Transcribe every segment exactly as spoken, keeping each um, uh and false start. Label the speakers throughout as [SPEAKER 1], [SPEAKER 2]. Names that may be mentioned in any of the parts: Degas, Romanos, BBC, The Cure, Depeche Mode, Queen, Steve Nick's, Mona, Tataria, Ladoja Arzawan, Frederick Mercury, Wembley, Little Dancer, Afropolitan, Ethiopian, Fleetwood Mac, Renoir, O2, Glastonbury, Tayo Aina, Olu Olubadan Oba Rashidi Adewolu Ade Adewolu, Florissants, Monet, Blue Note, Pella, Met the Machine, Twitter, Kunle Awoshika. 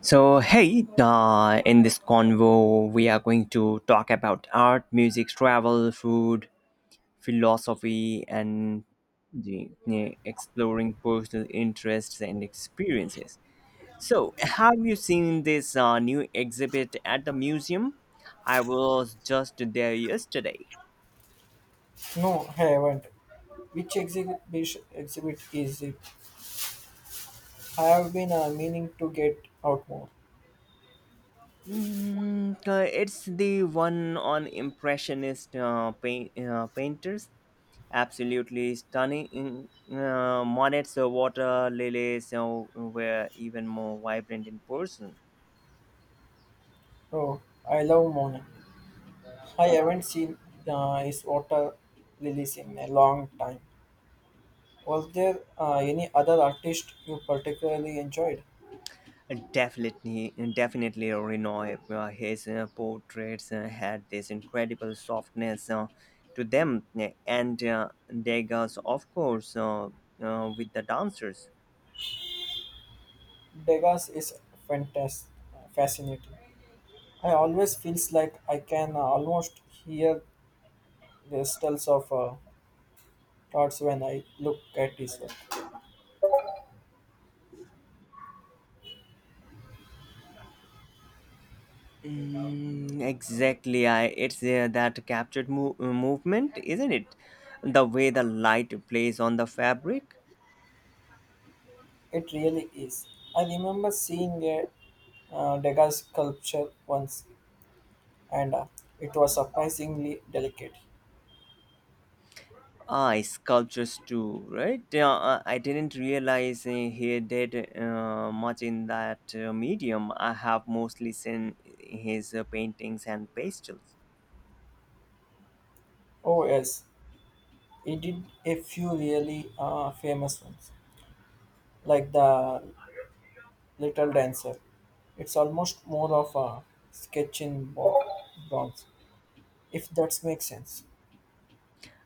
[SPEAKER 1] So, hey, uh, in this convo, we are going to talk about art, music, travel, food, philosophy, and the, eh, exploring personal interests and experiences. So, have you seen this uh, new exhibit at the museum? I was just there yesterday.
[SPEAKER 2] No, I haven't. Which exhibit, which exhibit is it? I have been uh, meaning to get out more.
[SPEAKER 1] Mm, uh, it's the one on impressionist uh, pain, uh, painters. Absolutely stunning. Mm, Uh, Monet's uh, water lilies uh, were even more vibrant in person. Uh,
[SPEAKER 2] Oh, I love Mona. I haven't seen uh, his water lilies in a long time. Was there uh, any other artist you particularly enjoyed?
[SPEAKER 1] Definitely, uh, definitely, Renoir. Uh, his uh, portraits uh, had this incredible softness uh, to them, and uh, Degas, of course, uh, uh, with the dancers.
[SPEAKER 2] Degas is fantastic, fascinating. I always feels like I can uh, almost hear the stills of uh, thoughts when I look at his work.
[SPEAKER 1] Mm, exactly, I it's uh, that captured mo- uh, movement, isn't it? The way the light plays on the fabric.
[SPEAKER 2] It really is. I remember seeing a uh, Degas sculpture once, and uh, it was surprisingly delicate.
[SPEAKER 1] Ah, sculptures too, right? Uh, I didn't realize uh, he did uh, much in that uh, medium. I have mostly seen his uh, paintings and pastels.
[SPEAKER 2] Oh yes, he did a few really uh, famous ones, like the Little Dancer. It's almost more of a sketch in bo- bronze, if that makes sense.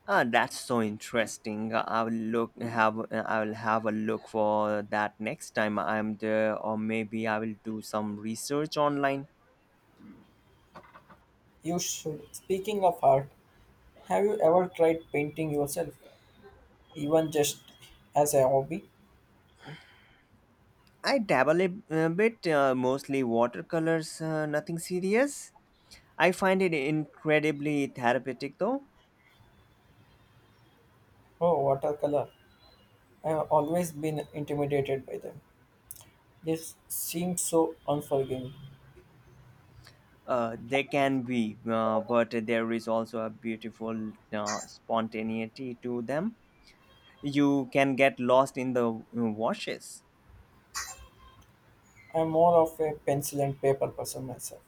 [SPEAKER 1] Ah, that's so interesting. I will look have I will have a look for that next time I'm there, or maybe I will do some research online.
[SPEAKER 2] You should. Speaking of art, have you ever tried painting yourself, even just as a hobby?
[SPEAKER 1] I dabble a a bit, uh, mostly watercolors, uh, nothing serious. I find it incredibly therapeutic though.
[SPEAKER 2] Oh, watercolor. I have always been intimidated by them. They s- seem so unforgiving.
[SPEAKER 1] Uh, they can be, uh, but there is also a beautiful uh, spontaneity to them. You can get lost in the uh, washes.
[SPEAKER 2] I'm more of a pencil and paper person myself.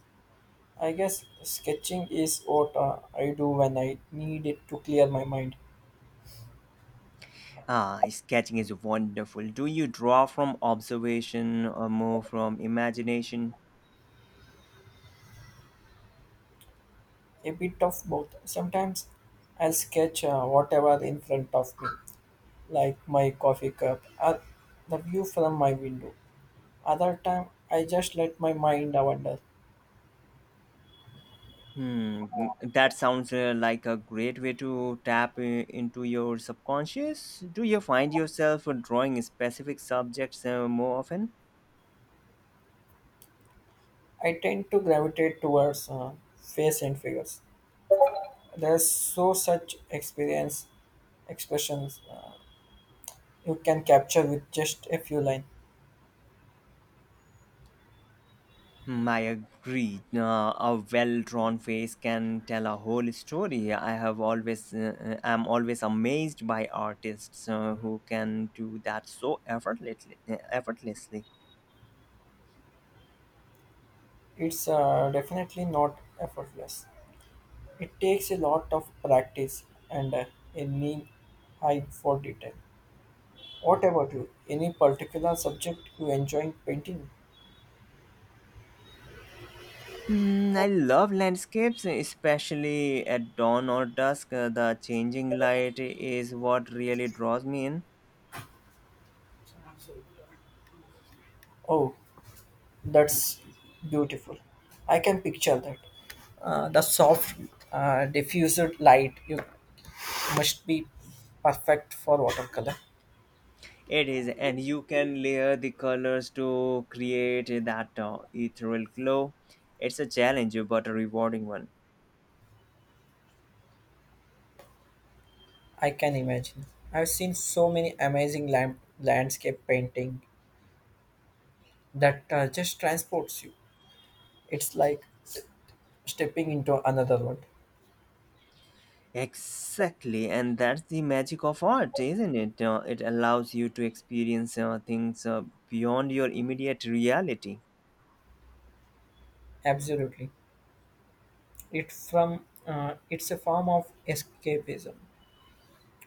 [SPEAKER 2] I guess sketching is what uh, I do when I need it to clear my mind.
[SPEAKER 1] Ah, sketching is wonderful. Do you draw from observation or more from imagination?
[SPEAKER 2] A bit of both. Sometimes I'll sketch uh, whatever in front of me, like my coffee cup or the view from my window. Other time, I just let my mind wander.
[SPEAKER 1] Hmm, n- that sounds uh, like a great way to tap uh, into your subconscious. Do you find yourself uh, drawing specific subjects uh, more often?
[SPEAKER 2] I tend to gravitate towards uh, face and figures. There's so such experience expressions uh, you can capture with just a few lines.
[SPEAKER 1] Hmm, I agree. Uh, a well-drawn face can tell a whole story. I have always, uh, uh, I'm always amazed by artists uh, who can do that so effortlessly. uh, Effortlessly.
[SPEAKER 2] It's uh, definitely not effortless. It takes a lot of practice and uh, a keen eye for detail. What about you? Any particular subject you enjoy painting?
[SPEAKER 1] Hmm, I love landscapes, especially at dawn or dusk. Uh, the changing light is what really draws me in.
[SPEAKER 2] Oh, that's beautiful. I can picture that. Uh, the soft, uh, diffused light you must be perfect for watercolor.
[SPEAKER 1] It is, and you can layer the colors to create that uh, ethereal glow. It's a challenge, but a rewarding one.
[SPEAKER 2] I can imagine. I've seen so many amazing land landscape painting that uh, just transports you. It's like stepping into another world.
[SPEAKER 1] Exactly, and that's the magic of art, isn't it? Uh, it allows you to experience uh, things uh, beyond your immediate reality.
[SPEAKER 2] Absolutely. It from uh, it's a form of escapism,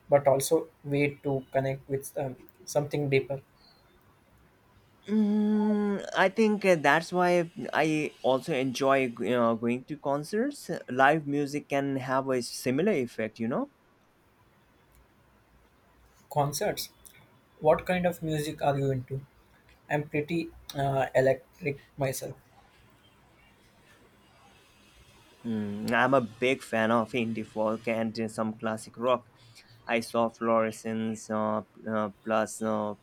[SPEAKER 2] but also way to connect with um, something deeper.
[SPEAKER 1] Mm, I think uh, that's why I also enjoy, you know, going to concerts. Live music can have a similar effect, you know.
[SPEAKER 2] Concerts. What kind of music are you into? I'm pretty uh, electric myself.
[SPEAKER 1] Mm, I'm a big fan of indie folk and uh, some classic rock. I saw Florissants uh, uh, plus uh,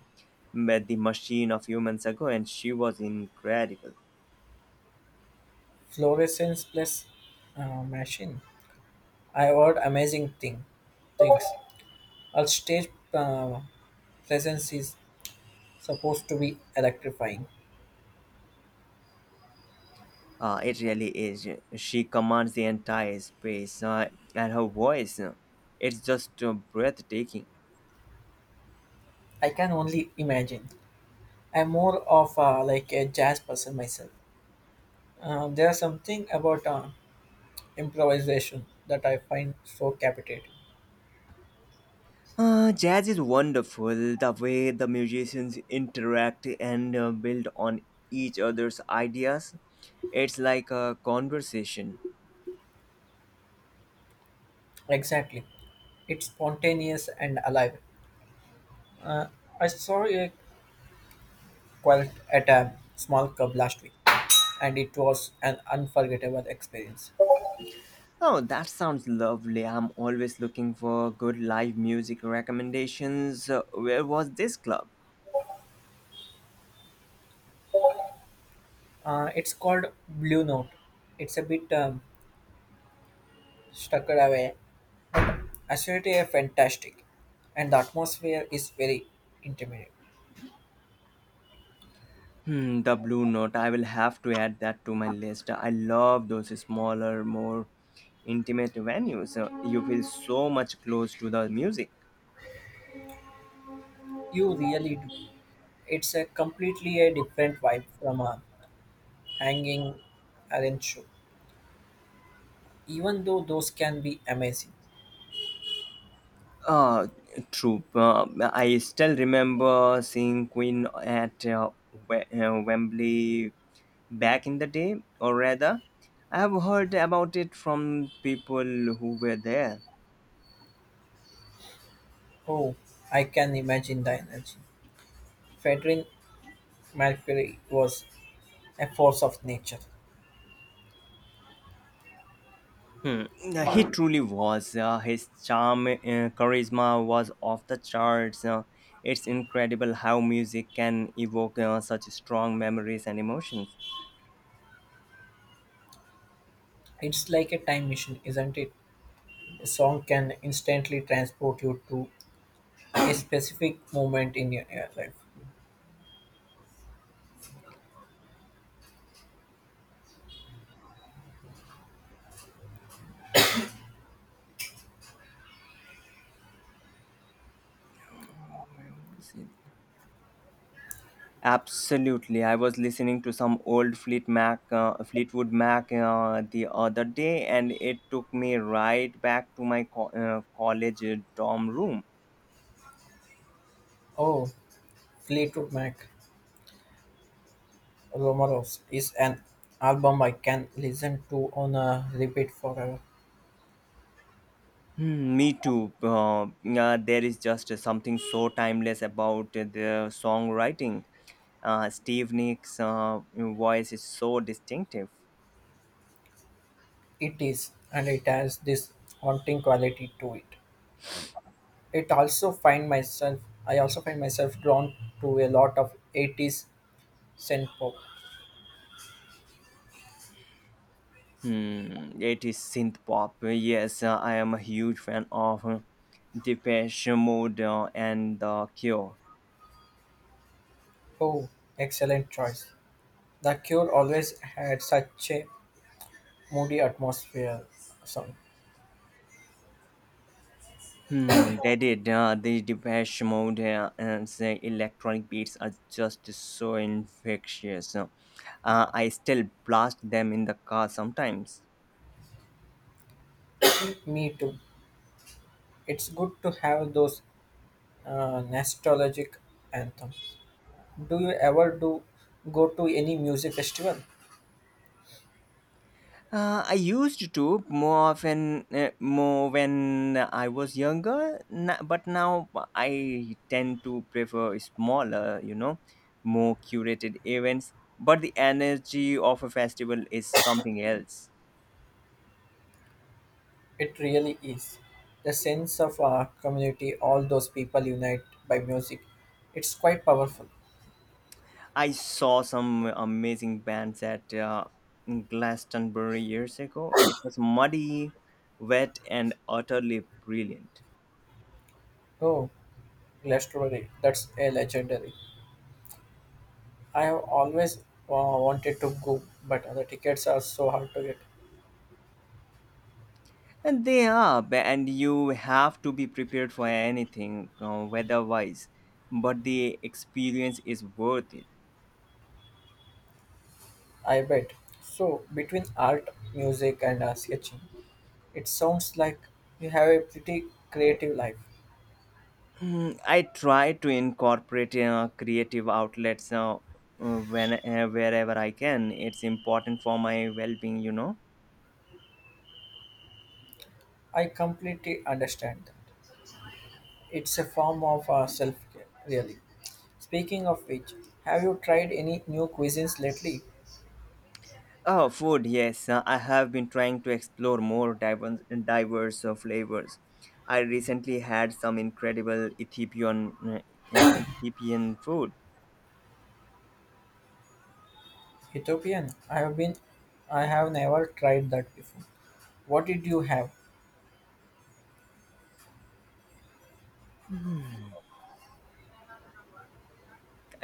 [SPEAKER 1] Met the Machine a few months ago, and she was incredible.
[SPEAKER 2] Fluorescence plus uh, machine. I heard amazing thing things. A stage uh, presence is supposed to be electrifying.
[SPEAKER 1] Uh, it really is. She commands the entire space, uh, and her voice, uh, it's just uh, breathtaking.
[SPEAKER 2] I can only imagine. I'm more of a, like a jazz person myself. Um, there's something about uh, improvisation that I find so captivating.
[SPEAKER 1] Uh, jazz is wonderful. The way the musicians interact and uh, build on each other's ideas, it's like a conversation.
[SPEAKER 2] Exactly, it's spontaneous and alive. Uh, I saw a quilt at a small club last week, and it was an unforgettable experience.
[SPEAKER 1] Oh, that sounds lovely. I'm always looking for good live music recommendations. Uh, where was this club?
[SPEAKER 2] Uh, it's called Blue Note. It's a bit um, stuck away Acidity are fantastic, and the atmosphere is very intimate.
[SPEAKER 1] Hmm, the Blue Note. I will have to add that to my list. I love those smaller, more intimate venues. Uh, You feel so much close to the music.
[SPEAKER 2] You really do. It's a completely a different vibe from a hanging Allen show. Even though those can be amazing.
[SPEAKER 1] Uh, True. Uh, I still remember seeing Queen at uh, we- uh, Wembley back in the day, or rather, I have heard about it from people who were there.
[SPEAKER 2] Oh, I can imagine the energy. Frederick Mercury was a force of nature.
[SPEAKER 1] Hmm. uh, He truly was. Uh, his charm, uh, charisma was off the charts. Uh, it's incredible how music can evoke uh, such strong memories and emotions.
[SPEAKER 2] It's like a time machine, isn't it? A song can instantly transport you to a specific moment in your, your life.
[SPEAKER 1] Where was it? Absolutely. I was listening to some old Fleet Mac, uh, Fleetwood Mac uh, the other day, and it took me right back to my co- uh, college dorm room.
[SPEAKER 2] Oh, Fleetwood Mac. Romanos is an album I can listen to on a repeat forever.
[SPEAKER 1] Hmm, me too. Uh, yeah, there is just something so timeless about the songwriting. Uh, Steve Nick's uh, voice is so distinctive.
[SPEAKER 2] It is, and it has this haunting quality to it. It also find myself, I also find myself drawn to a lot of eighties synth pop.
[SPEAKER 1] Hmm, it is synth pop. Yes, uh, I am a huge fan of uh, Depeche Mode uh, and The Cure.
[SPEAKER 2] Oh, excellent choice. The Cure always had such a moody atmosphere. Song.
[SPEAKER 1] Hmm, they did. Uh, the Depeche Mode uh, and the electronic beats are just so infectious. Uh, I still blast them in the car sometimes.
[SPEAKER 2] Me too. It's good to have those uh, nostalgic anthems. Do you ever do go to any music festival?
[SPEAKER 1] Uh, I used to more often, uh, more when I was younger, na- but now I tend to prefer smaller, you know, more curated events. But the energy of a festival is something else.
[SPEAKER 2] It really is. The sense of our community, all those people unite by music, it's quite powerful.
[SPEAKER 1] I saw some amazing bands at uh, Glastonbury years ago. It was muddy, wet, and utterly brilliant.
[SPEAKER 2] Oh, Glastonbury, that's a legendary. I have always uh, wanted to go, but the tickets are so hard to get.
[SPEAKER 1] And they are, ba- and you have to be prepared for anything, uh, weather-wise. But the experience is worth it.
[SPEAKER 2] I bet. So, between art, music, and uh, sketching, it sounds like you have a pretty creative life.
[SPEAKER 1] I try to incorporate uh, creative outlets uh, uh, when uh, wherever I can. It's important for my well-being, you know.
[SPEAKER 2] I completely understand. It's a form of uh, self care, really. Speaking of which, have you tried any new cuisines lately?
[SPEAKER 1] Oh, food, yes. Uh, I have been trying to explore more diverse, diverse uh, flavors. I recently had some incredible Ethiopian uh, uh, Ethiopian food.
[SPEAKER 2] Ethiopian. I have been. I have never tried that before. What did you have?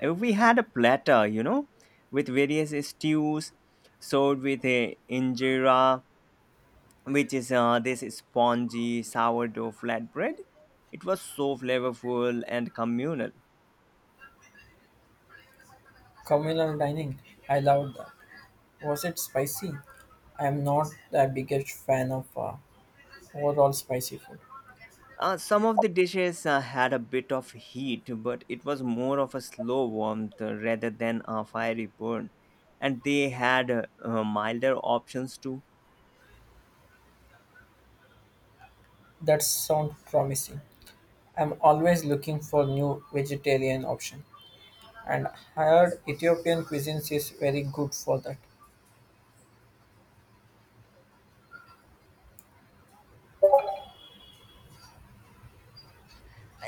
[SPEAKER 1] Uh, we had a platter, you know, with various stews served with a injera, which is uh, this spongy sourdough flatbread. It was so flavorful and communal.
[SPEAKER 2] Communal dining. I loved that. Was it spicy? I am not the biggest fan of uh, overall spicy food.
[SPEAKER 1] Uh, some of the dishes uh, had a bit of heat, but it was more of a slow warmth uh, rather than a fiery burn. And they had uh, uh, milder options too.
[SPEAKER 2] That sounds promising. I'm always looking for new vegetarian option, and heard Ethiopian cuisines is very good for that.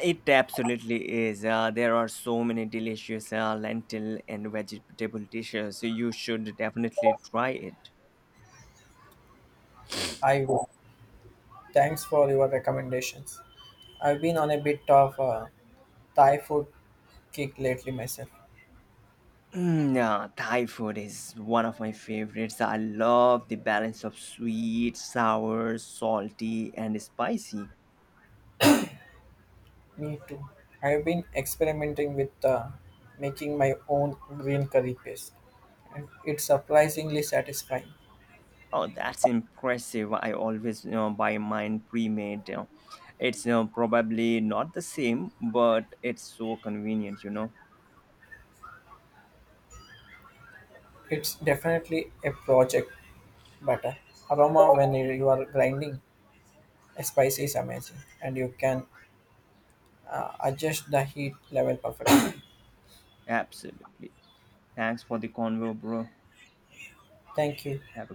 [SPEAKER 1] It absolutely is. Uh, there are so many delicious uh, lentil and vegetable dishes. so You should definitely try it.
[SPEAKER 2] I Thanks for your recommendations. I've been on a bit of a Thai food kick lately myself.
[SPEAKER 1] Mm, yeah, Thai food is one of my favorites. I love the balance of sweet, sour, salty, and spicy.
[SPEAKER 2] Me too. I've been experimenting with uh, making my own green curry paste, and it's surprisingly satisfying.
[SPEAKER 1] Oh, that's impressive. I always, you know, buy mine pre-made. you know. It's, you know, probably not the same, but it's so convenient, you know.
[SPEAKER 2] It's definitely a project, but uh, aroma when you you are grinding a spice is amazing, and you can uh, adjust the heat level perfectly.
[SPEAKER 1] Absolutely. Thanks for the convo, bro.
[SPEAKER 2] Thank you.
[SPEAKER 1] Have